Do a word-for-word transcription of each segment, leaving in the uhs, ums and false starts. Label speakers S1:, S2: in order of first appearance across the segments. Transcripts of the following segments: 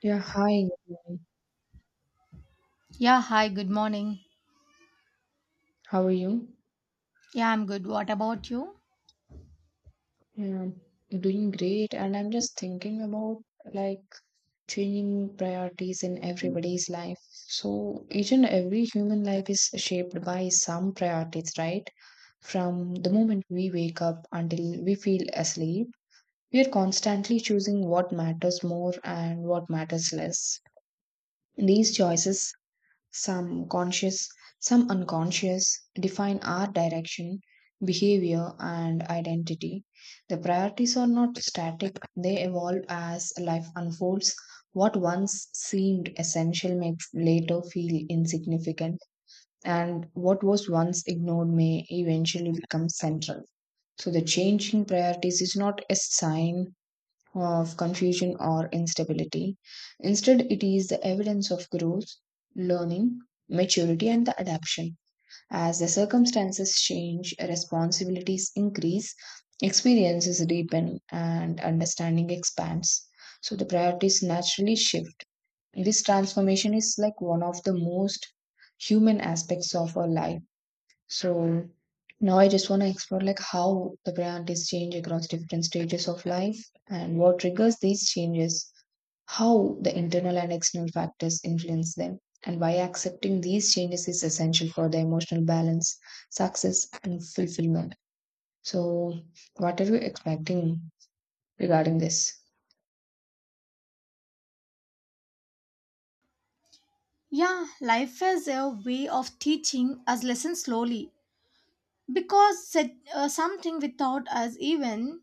S1: Yeah, hi. Nirmala.
S2: Yeah, hi, good morning.
S1: How are you?
S2: Yeah, I'm good. What about you?
S1: Yeah, I'm doing great. And I'm just thinking about like changing priorities in everybody's life. So each and every human life is shaped by some priorities, right? From the moment we wake up until we feel asleep, we are constantly choosing what matters more and what matters less. These choices some conscious, some unconscious, define our direction, behavior, and identity. The priorities are not static, they evolve as life unfolds. What once seemed essential may later feel insignificant, and what was once ignored may eventually become central. So, the changing priorities is not a sign of confusion or instability. Instead, it is the evidence of growth, learning, maturity, and the adaptation. As the circumstances change, responsibilities increase, experiences deepen, and understanding expands. So the priorities naturally shift. This transformation is like one of the most human aspects of our life, so now I just want to explore like how the priorities change across different stages of life and what triggers these changes, how the internal and external factors influence them, and why accepting these changes is essential for the emotional balance, success, and fulfillment. So, what are you expecting regarding this?
S2: Yeah, life is a way of teaching us lessons slowly because said, uh, something without us even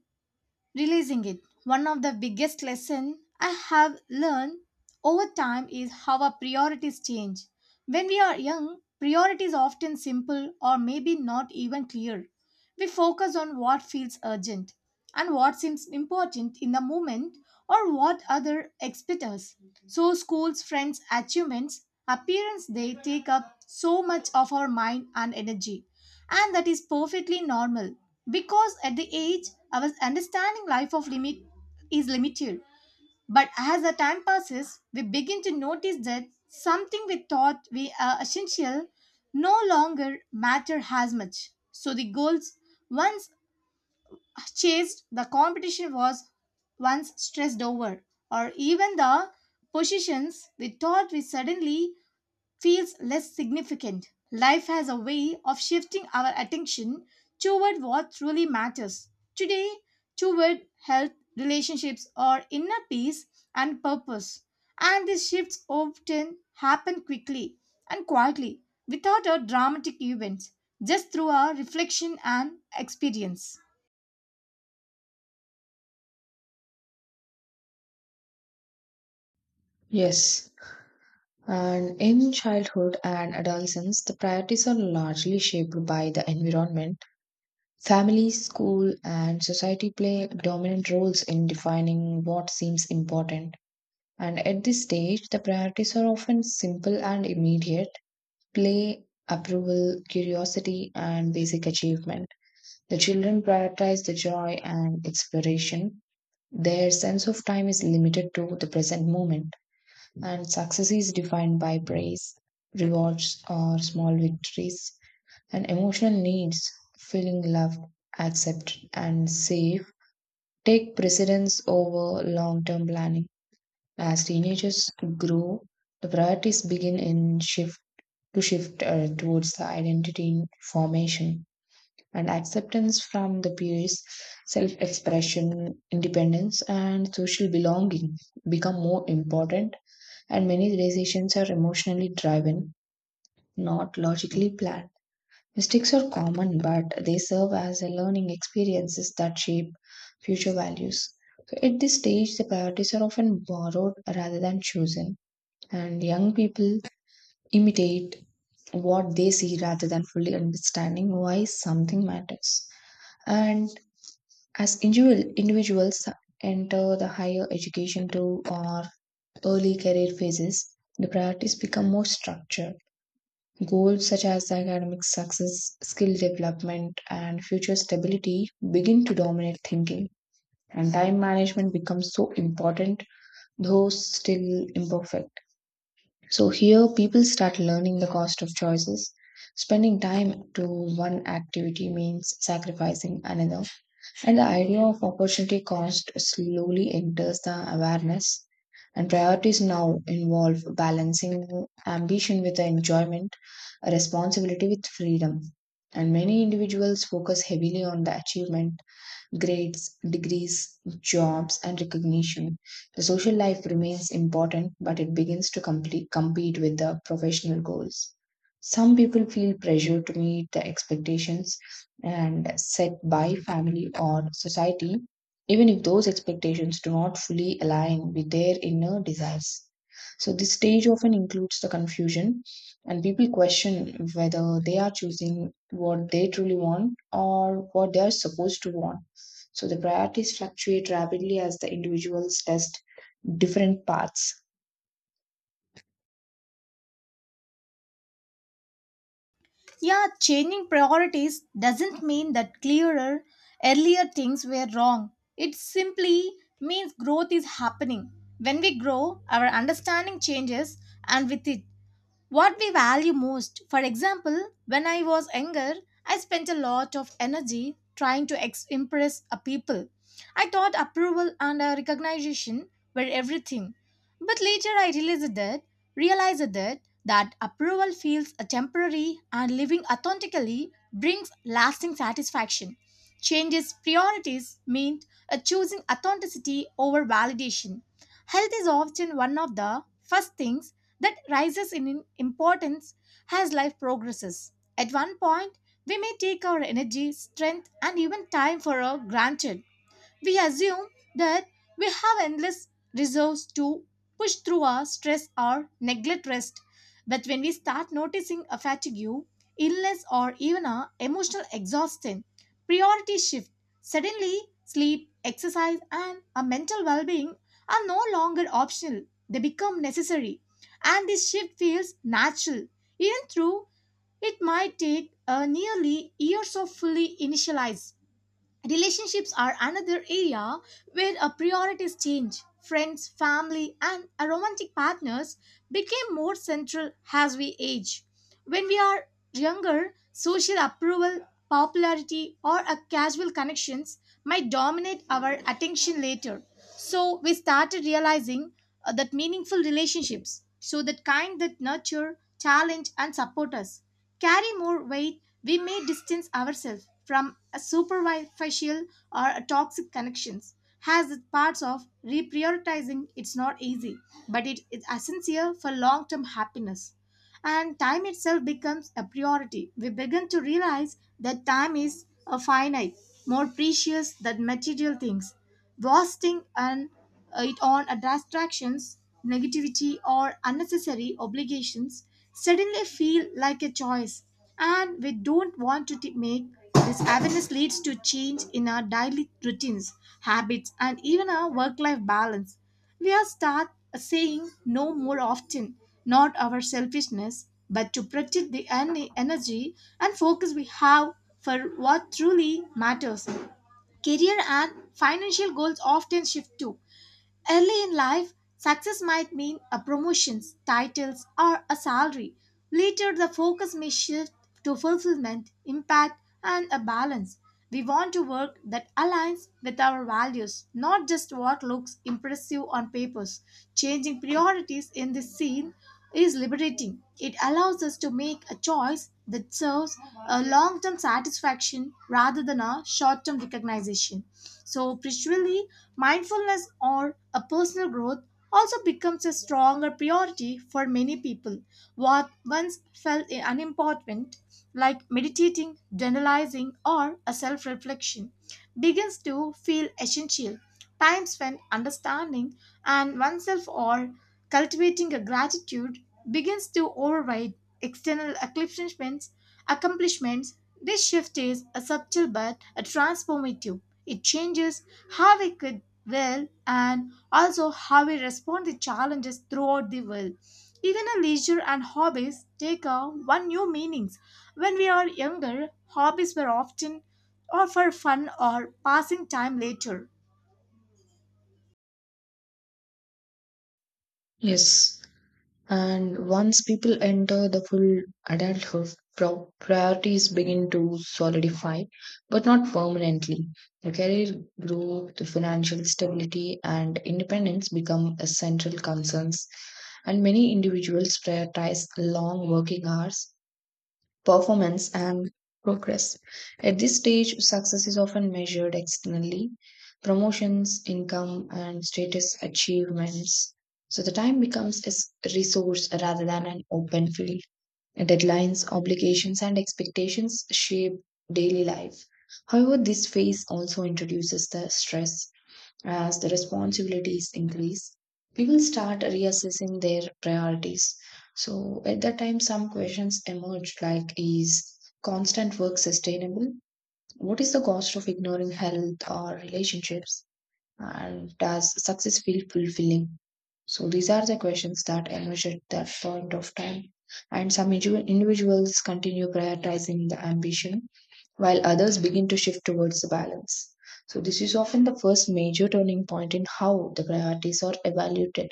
S2: releasing it. One of the biggest lessons I have learned over time is how our priorities change. When we are young, priorities are often simple or maybe not even clear. We focus on what feels urgent and what seems important in the moment or what other expect us. So schools, friends, achievements, appearance they take up so much of our mind and energy, and that is perfectly normal because at the age our understanding life of limit is limited. But as the time passes, we begin to notice that something we thought we are essential no longer matter as much. So the goals once chased, the competition was once stressed over, or even the positions we thought we suddenly feels less significant. Life has a way of shifting our attention toward what truly matters. Today, toward health, relationships, or inner peace and purpose. And these shifts often happen quickly and quietly without a dramatic event, just through our reflection and experience.
S1: Yes. And in childhood and adolescence, the priorities are largely shaped by the environment. Family, school, and society play dominant roles in defining what seems important. And at this stage, the priorities are often simple and immediate: play, approval, curiosity, and basic achievement. The children prioritize the joy and exploration. Their sense of time is limited to the present moment, and success is defined by praise, rewards, or small victories, and emotional needs, feeling loved, accepted, and safe take precedence over long term planning. As teenagers grow, the priorities begin in shift to shift uh, towards the identity formation and acceptance from the peers, self expression, independence, and social belonging become more important, and many decisions are emotionally driven, not logically planned. Mistakes are common, but they serve as a learning experiences that shape future values. So at this stage, the priorities are often borrowed rather than chosen, and young people imitate what they see rather than fully understanding why something matters. And as individual, individuals enter the higher education to or early career phases, the priorities become more structured. Goals such as academic success, skill development, and future stability begin to dominate thinking. And time management becomes so important, though still imperfect. So, here people start learning the cost of choices. Spending time to one activity means sacrificing another. And the idea of opportunity cost slowly enters the awareness, and priorities now involve balancing ambition with the enjoyment, responsibility with freedom. And many individuals focus heavily on the achievement: grades, degrees, jobs, and recognition. The social life remains important, but it begins to complete, compete with the professional goals. Some people feel pressure to meet the expectations and set by family or society, even if those expectations do not fully align with their inner desires. So, this stage often includes the confusion, and people question whether they are choosing what they truly want or what they are supposed to want. So the priorities fluctuate rapidly as the individuals test different paths.
S2: Yeah, changing priorities doesn't mean that clearer, earlier things were wrong. It simply means growth is happening. When we grow, our understanding changes, and with it, what we value most. For example, when I was younger, I spent a lot of energy trying to ex- impress a people. I thought approval and uh, recognition were everything. But later I realized that realized that that approval feels a temporary and living authentically brings lasting satisfaction. Changes priorities meant uh, choosing authenticity over validation. Health is often one of the first things that rises in importance as life progresses. At one point, we may take our energy, strength, and even time for granted. We assume that we have endless resource to push through our stress or neglect rest. But when we start noticing a fatigue, illness, or even a emotional exhaustion, priorities shift. Suddenly, sleep, exercise, and a mental well-being are no longer optional. They become necessary, and this shift feels natural, even though it might take uh, nearly years of fully initialize. Relationships are another area where our priorities change. Friends, family, and our romantic partners became more central as we age. When we are younger, social approval popularity, or a casual connections might dominate our attention later. So we started realizing uh, that meaningful relationships, so that kind that nurture, challenge, and support us, carry more weight. We may distance ourselves from a superficial or a toxic connections. Has its parts of reprioritizing. It's not easy, but it is essential for long-term happiness, and time itself becomes a priority. We begin to realize that time is a finite, more precious than material things, wasting and uh, it on a distractions, negativity, or unnecessary obligations suddenly feel like a choice, and we don't want to t- make. This awareness leads to change in our daily routines, habits, and even our work life balance. We are start saying no more often, not our selfishness, but to protect the en- energy and focus we have for what truly matters. Career and financial goals often shift too. Early in life, success might mean a promotions, titles, or a salary. Later, the focus may shift to fulfillment, impact, and a balance. We want to work that aligns with our values, not just what looks impressive on papers. Changing priorities in this scene is liberating. It allows us to make a choice that serves a long term satisfaction rather than a short term recognition. So, spiritually, mindfulness or a personal growth also becomes a stronger priority for many people. What once felt unimportant, like meditating, generalizing, or a self reflection, begins to feel essential. Time spent understanding and oneself or cultivating a gratitude begins to override external accomplishments. accomplishments. This shift is a subtle but a transformative. It changes how we could will and also how we respond to challenges throughout the world. Even our leisure and hobbies take on one new meanings. When we are younger, hobbies were often or for fun or passing time later.
S1: Yes. And once people enter the full adulthood, pro- priorities begin to solidify, but not permanently. The career growth, the financial stability, and independence become essential concerns. And many individuals prioritize long working hours, performance, and progress. At this stage, success is often measured externally: promotions, income, and status achievements. So the time becomes a resource rather than an open field. Deadlines, obligations, and expectations shape daily life. However, this phase also introduces the stress. As the responsibilities increase, people start reassessing their priorities. So at that time, some questions emerge like, is constant work sustainable? What is the cost of ignoring health or relationships? And does success feel fulfilling? So these are the questions that emerge at that point of time. And some indiv- individuals continue prioritizing the ambition, while others begin to shift towards the balance. So this is often the first major turning point in how the priorities are evaluated.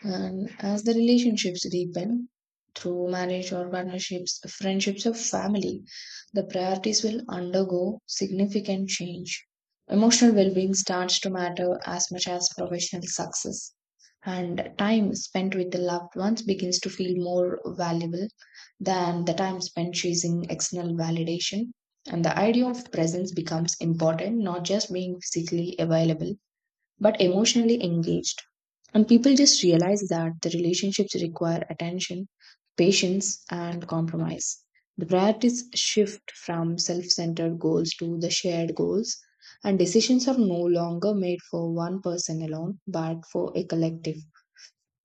S1: And as the relationships deepen through marriage or partnerships, friendships, or family, the priorities will undergo significant change. Emotional well being starts to matter as much as professional success, and time spent with the loved ones begins to feel more valuable than the time spent chasing external validation. And the idea of presence becomes important, not just being physically available, but emotionally engaged. And people just realize that the relationships require attention, patience, and compromise. The priorities shift from self centered goals to the shared goals, and decisions are no longer made for one person alone but for a collective.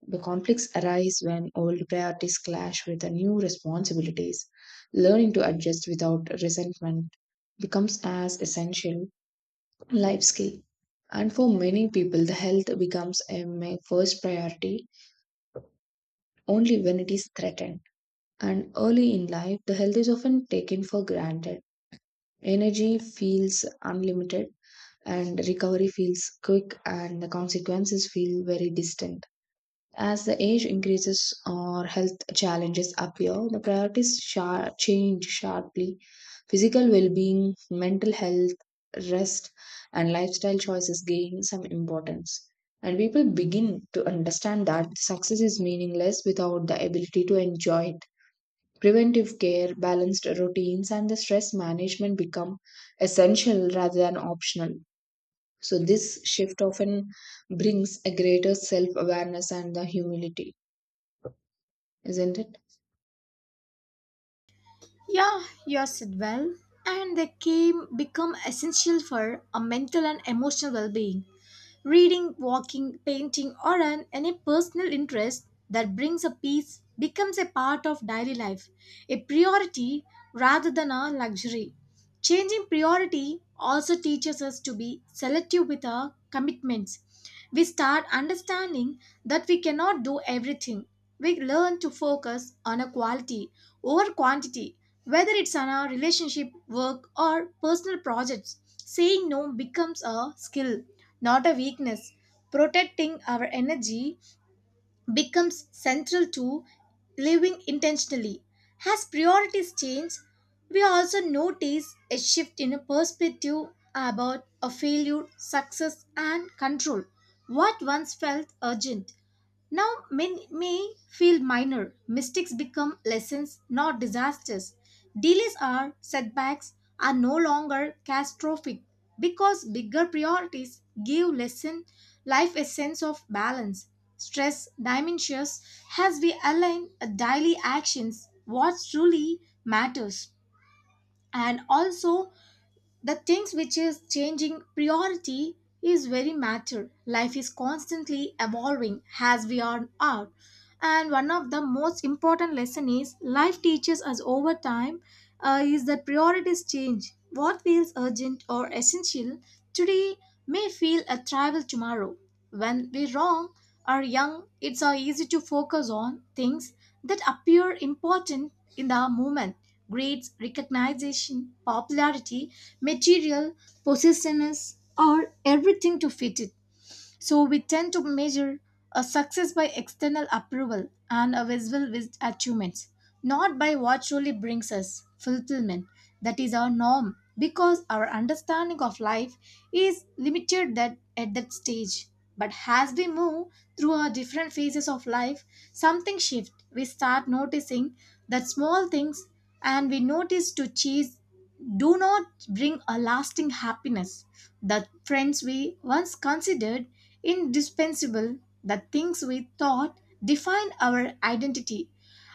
S1: The conflicts arise when old priorities clash with the new responsibilities. Learning to adjust without resentment becomes as essential life skill. And for many people, the health becomes a ma- first priority only when it is threatened. And early in life, the health is often taken for granted. Energy feels unlimited, and recovery feels quick, and the consequences feel very distant. As the age increases or health challenges appear, the priorities sha- change sharply. Physical well being, mental health, rest, and lifestyle choices gain some importance. And people begin to understand that success is meaningless without the ability to enjoy it. Preventive care, balanced routines, and the stress management become essential rather than optional. So, this shift often brings a greater self awareness and the humility, isn't it?
S2: Yeah, you said well. And they came become essential for a mental and emotional well-being. Reading, walking, painting, or an, any personal interest that brings a peace becomes a part of daily life, a priority rather than a luxury. Changing priority also teaches us to be selective with our commitments. We start understanding that we cannot do everything. We learn to focus on a quality over quantity, whether it's on our relationship, work, or personal projects. Saying no becomes a skill, not a weakness. Protecting our energy becomes central to living intentionally. As priorities change, we also notice a shift in a perspective about a failure, success, and control. What once felt urgent now, men may feel minor. Mistakes become lessons, not disasters. Delays are setbacks are no longer catastrophic because bigger priorities give lesson life a sense of balance. Stress diminishes as we align daily actions what truly matters, and also the things which is changing priority is very matter. Life is constantly evolving as we are out, and one of the most important lesson is life teaches us over time, uh, is that priorities change. What feels urgent or essential today may feel a trivial tomorrow. When we wrong are young, it's uh, easy to focus on things that appear important in the moment: grades, recognition, popularity, material, possessiveness, or everything to fit it. So we tend to measure a success by external approval and a visible vis- achievements, not by what truly brings us fulfillment. That is our norm because our understanding of life is limited that at that stage. But as we move through our different phases of life, something shifts. We start noticing that small things and we notice to chase do not bring a lasting happiness. The friends we once considered indispensable, that things we thought defined our identity,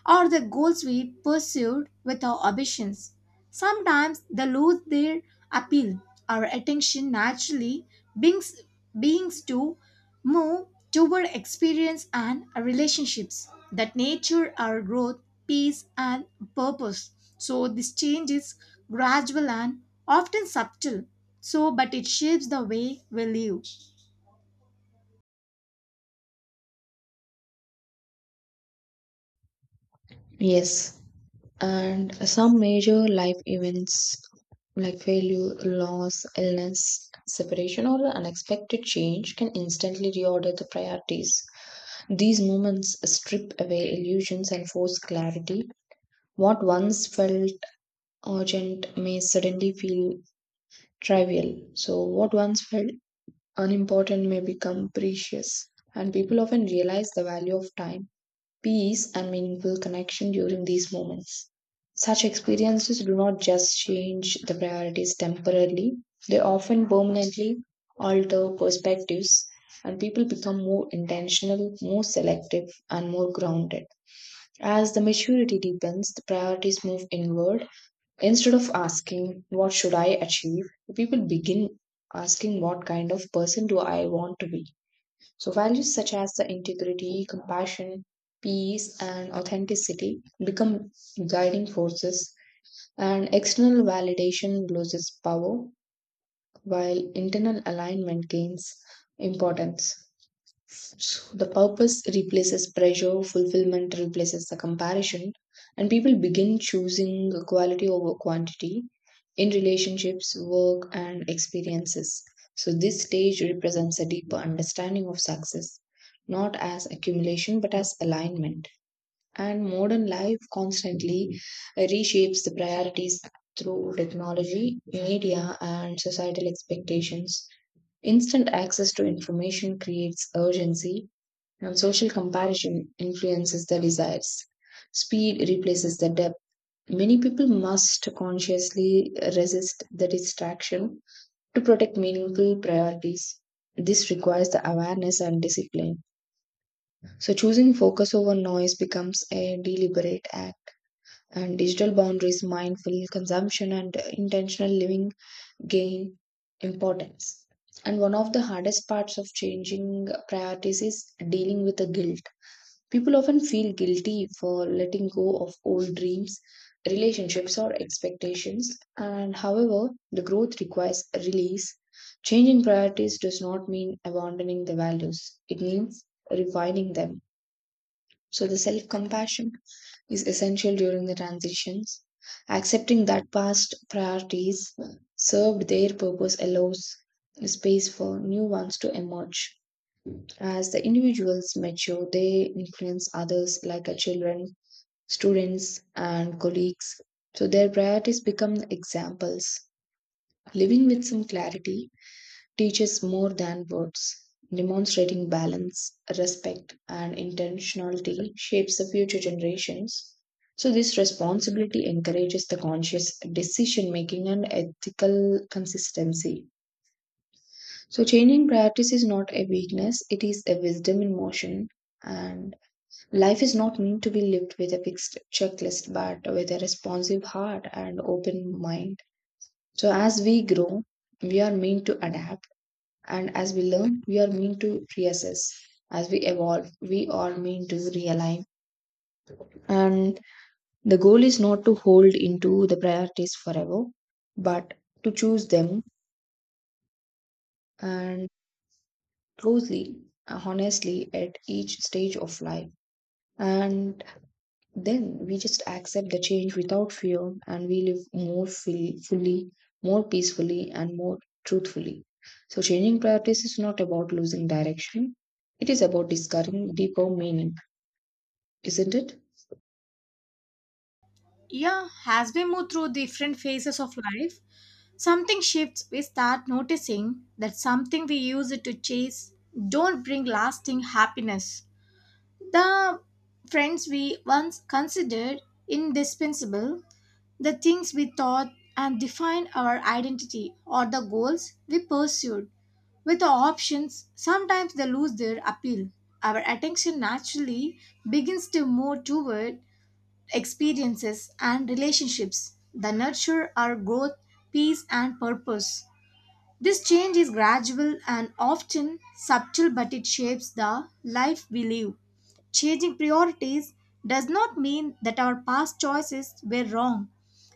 S2: or the goals we pursued with our ambitions. Sometimes they lose their appeal. Our attention naturally beings, beings to move toward experience and relationships that nature our growth, peace, and purpose. So this change is gradual and often subtle. So, but it shapes the way we live.
S1: Yes. And some major life events like failure, loss, illness, separation, or the unexpected change can instantly reorder the priorities. These moments strip away illusions and force clarity. What once felt urgent may suddenly feel trivial. So, what once felt unimportant may become precious, and people often realize the value of time, peace, and meaningful connection during these moments. Such experiences do not just change the priorities temporarily, they often permanently alter perspectives, and people become more intentional, more selective, and more grounded. As the maturity deepens, the priorities move inward. Instead of asking, "What should I achieve?" people begin asking, "What kind of person do I want to be?" So, values such as the integrity, compassion, peace, and authenticity become guiding forces, and external validation loses power while internal alignment gains importance. So the purpose replaces pressure, fulfillment replaces the comparison, and people begin choosing quality over quantity in relationships, work, and experiences. So this stage represents a deeper understanding of success, not as accumulation but as alignment. And modern life constantly reshapes the priorities through technology, media, and societal expectations. Instant access to information creates urgency and social comparison influences the desires. Speed replaces the depth. Many people must consciously resist the distraction to protect meaningful priorities. This requires the awareness and discipline. So, choosing focus over noise becomes a deliberate act, and digital boundaries, mindful consumption, and intentional living gain importance. And one of the hardest parts of changing priorities is dealing with the guilt. People often feel guilty for letting go of old dreams, relationships, or expectations. And however, the growth requires a release. Change in priorities does not mean abandoning the values, it means refining them. So, the self compassion is essential during the transitions. Accepting that past priorities served their purpose allows space for new ones to emerge. As the individuals mature, they influence others like our children, students, and colleagues. So their priorities become examples. Living with some clarity teaches more than words. Demonstrating balance, respect, and intentionality shapes the future generations. So, this responsibility encourages the conscious decision making and ethical consistency. So, changing priorities is not a weakness, it is a wisdom in motion. And life is not meant to be lived with a fixed checklist, but with a responsive heart and open mind. So, as we grow, we are meant to adapt, and as we learn, we are meant to reassess. As we evolve, we are meant to realign. And the goal is not to hold into the priorities forever, but to choose them and closely, honestly at each stage of life. And then we just accept the change without fear and we live more fully, fully, more peacefully, and more truthfully. So, changing priorities is not about losing direction, it is about discovering deeper meaning, isn't it?
S2: Yeah, as we move through different phases of life, something shifts. We start noticing that something we use it to chase don't bring lasting happiness. The friends we once considered indispensable, the things we thought and defined our identity or the goals we pursued. With the options, sometimes they lose their appeal. Our attention naturally begins to move toward experiences, and relationships that nurture our growth, peace, and purpose. This change is gradual and often subtle, but it shapes the life we live. Changing priorities does not mean that our past choices were wrong.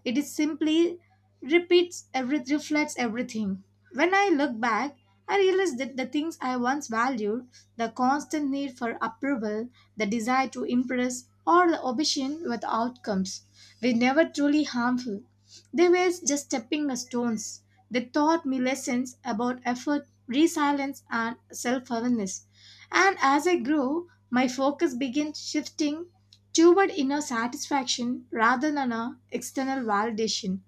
S2: It is simply repeats every reflects everything. When I look back, I realize that the things I once valued, the constant need for approval, the desire to impress, or the obsession with outcomes, were never truly harmful. They were just stepping stones. They taught me lessons about effort, resilience, and self awareness. And as I grew, my focus began shifting toward inner satisfaction rather than a external validation.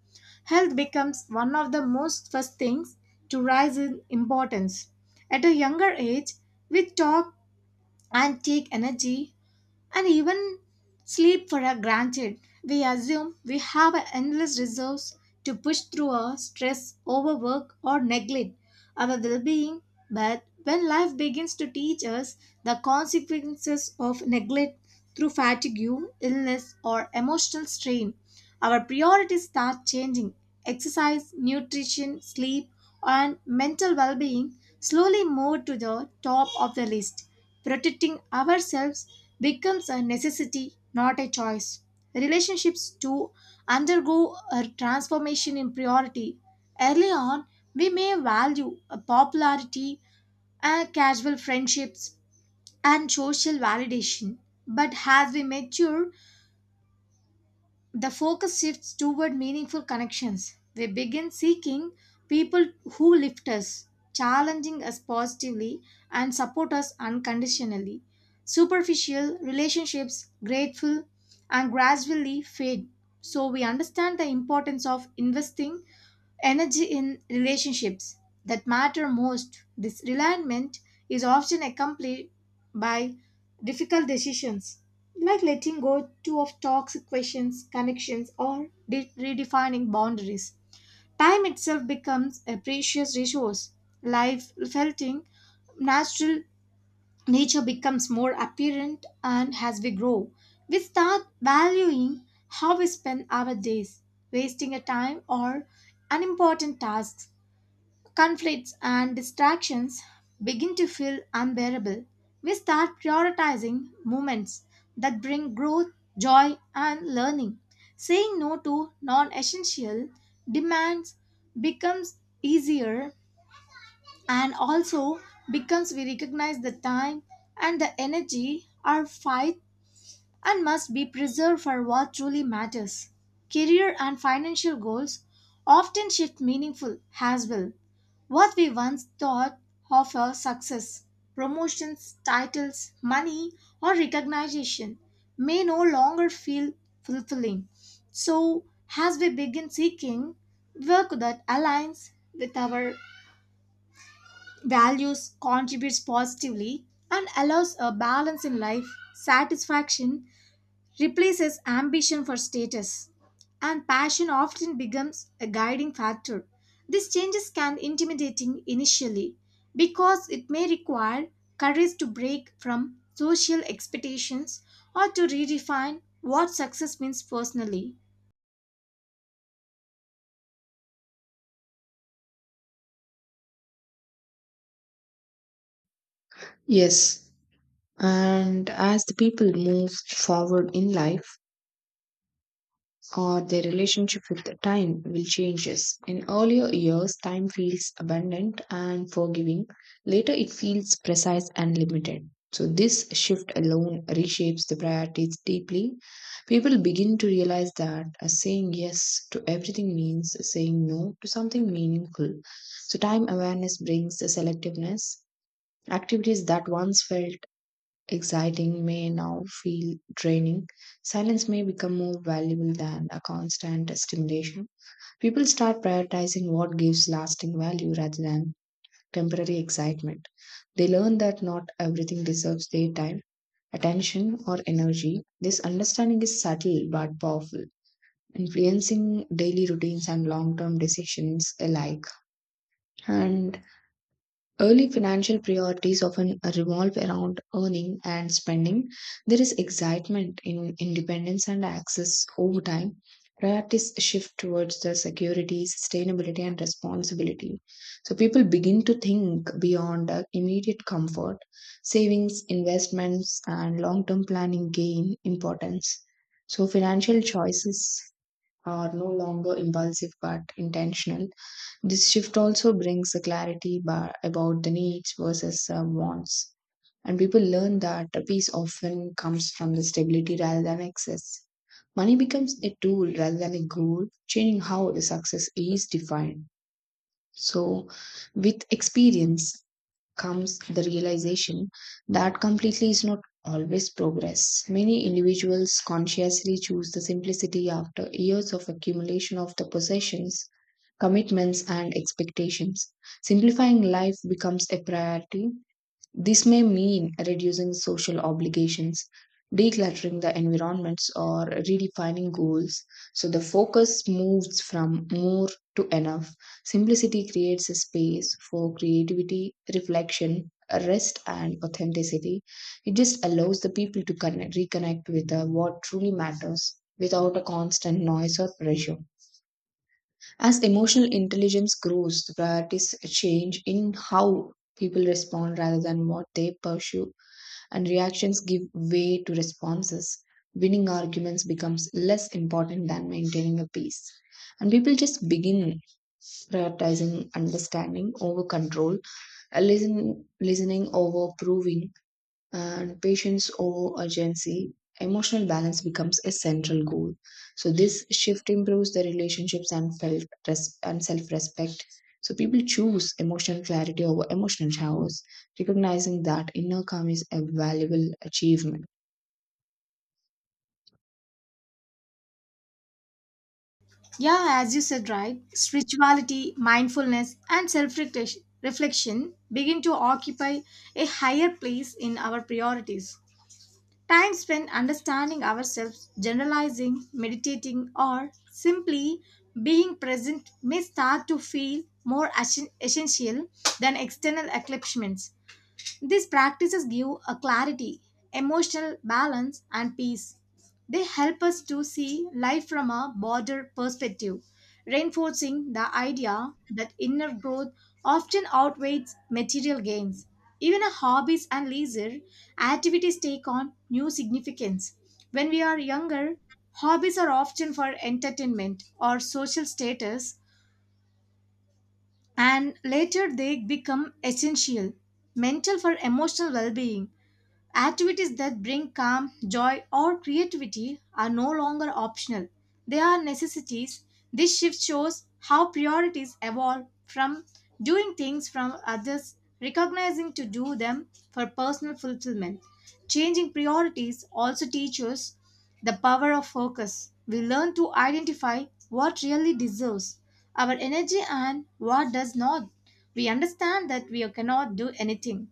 S2: Health becomes one of the most first things to rise in importance. At a younger age, we talk and take energy and even sleep for a granted. We assume we have a endless resource to push through our stress, overwork, or neglect our well being. But when life begins to teach us the consequences of neglect through fatigue, illness, or emotional strain, our priorities start changing. Exercise, nutrition, sleep, and mental well being slowly move to the top of the list. Protecting ourselves becomes a necessity, not a choice. Relationships too undergo a transformation in priority. Early on, we may value a popularity, uh, casual friendships, and social validation. But as we mature, the focus shifts toward meaningful connections. We begin seeking people who lift us, challenging us positively, and support us unconditionally. Superficial relationships, grateful, and gradually fade. So, we understand the importance of investing energy in relationships that matter most. This realignment is often accompanied by difficult decisions like letting go too of toxic questions, connections, or de- redefining boundaries. Time itself becomes a precious resource. Life felt in natural nature becomes more apparent, and as we grow we start valuing how we spend our days. Wasting a time or unimportant tasks, conflicts and distractions begin to feel unbearable. We start prioritizing moments that bring growth, joy and learning. Saying no to non-essential demands becomes easier, and also because we recognize the time and the energy are fight and must be preserved for what truly matters. Career and financial goals often shift meaningful as well. What we once thought of as success, promotions, titles, money, or recognition may no longer feel fulfilling. So, as we begin seeking work that aligns with our values contributes positively and allows a balance in life, satisfaction replaces ambition for status, and passion often becomes a guiding factor. These changes can intimidating initially because it may require courage to break from social expectations or to redefine what success means personally.
S1: Yes. And as the people move forward in life, or their relationship with time will changes. In earlier years, time feels abundant and forgiving. Later, it feels precise and limited. So, this shift alone reshapes the priorities deeply. People begin to realize that uh, saying yes to everything means saying no to something meaningful. So, time awareness brings the selectiveness. Activities that once felt exciting may now feel draining, silence may become more valuable than a constant stimulation. People start prioritizing what gives lasting value rather than temporary excitement. They learn that not everything deserves their time, attention, or energy. This understanding is subtle but powerful, influencing daily routines and long term decisions alike. And early financial priorities often revolve around earning and spending. There is excitement in independence and access over time. Priorities shift towards the security, sustainability, and responsibility. So people begin to think beyond uh, immediate comfort. Savings, investments, and long term planning gain importance. So financial choices are no longer impulsive but intentional. This shift also brings a clarity ba- about the needs versus uh, wants. And people learn that peace often comes from the stability rather than excess. Money becomes a tool rather than a goal, changing how the success is defined. So, with experience, comes the realization that completely is not always progress. Many individuals consciously choose the simplicity after years of accumulation of the possessions, commitments, and expectations. Simplifying life becomes a priority. This may mean reducing social obligations, decluttering the environments, or redefining goals. So the focus moves from more to enough. Simplicity creates a space for creativity, reflection, rest, and authenticity. It just allows the people to connect, reconnect with uh, what truly matters without a constant noise or pressure. As emotional intelligence grows, the priorities change in how people respond rather than what they pursue and reactions give way to responses, winning arguments becomes less important than maintaining a peace. And people just begin prioritizing understanding over control, uh, listen, listening over proving, and patience over urgency, emotional balance becomes a central goal. So this shift improves the relationships and felt res- and self-respect. So people choose emotional clarity over emotional showers, recognizing that inner calm is a valuable achievement.
S2: Yeah, as you said, right, spirituality, mindfulness, and self reflection begin to occupy a higher place in our priorities. Time spent understanding ourselves, generalizing, meditating, or simply being present may start to feel more assen- essential than external accomplishments. These practices give a clarity, emotional balance, and peace. They help us to see life from a broader perspective, reinforcing the idea that inner growth often outweighs material gains. Even our hobbies and leisure activities take on new significance. When we are younger, hobbies are often for entertainment or social status, and later they become essential mental for emotional well being. Activities that bring calm, joy, or creativity are no longer optional. They are necessities. This shift shows how priorities evolve from doing things from others, recognizing to do them for personal fulfillment. Changing priorities also teaches the power of focus. We learn to identify what really deserves our energy and what does not. We understand that we cannot do anything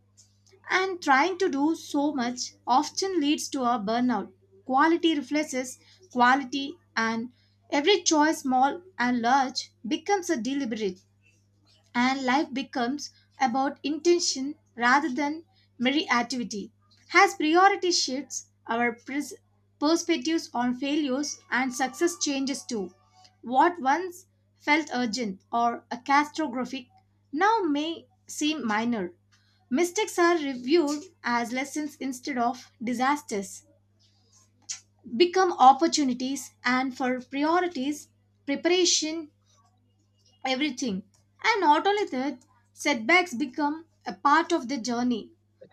S2: and trying to do so much often leads to a burnout. Quality replaces quality, and every choice, small and large, becomes a deliberate, and life becomes about intention rather than mere activity. As priority shifts, our pres- perspectives on failures and success changes too. What once felt urgent or a catastrophic now may seem minor. Mistakes are reviewed as lessons instead of disasters, become opportunities, and for priorities, preparation everything. And not only that, setbacks become a part of the journey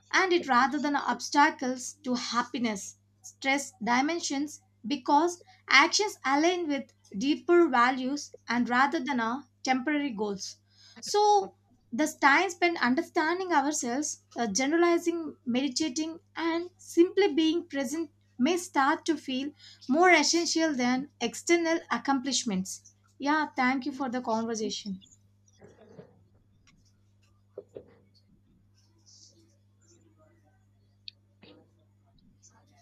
S2: and it rather than obstacles to happiness. Stress dimensions because actions align with deeper values and rather than our temporary goals. So, the time spent understanding ourselves, uh, generalizing, meditating, and simply being present may start to feel more essential than external accomplishments. Yeah, thank you for the conversation.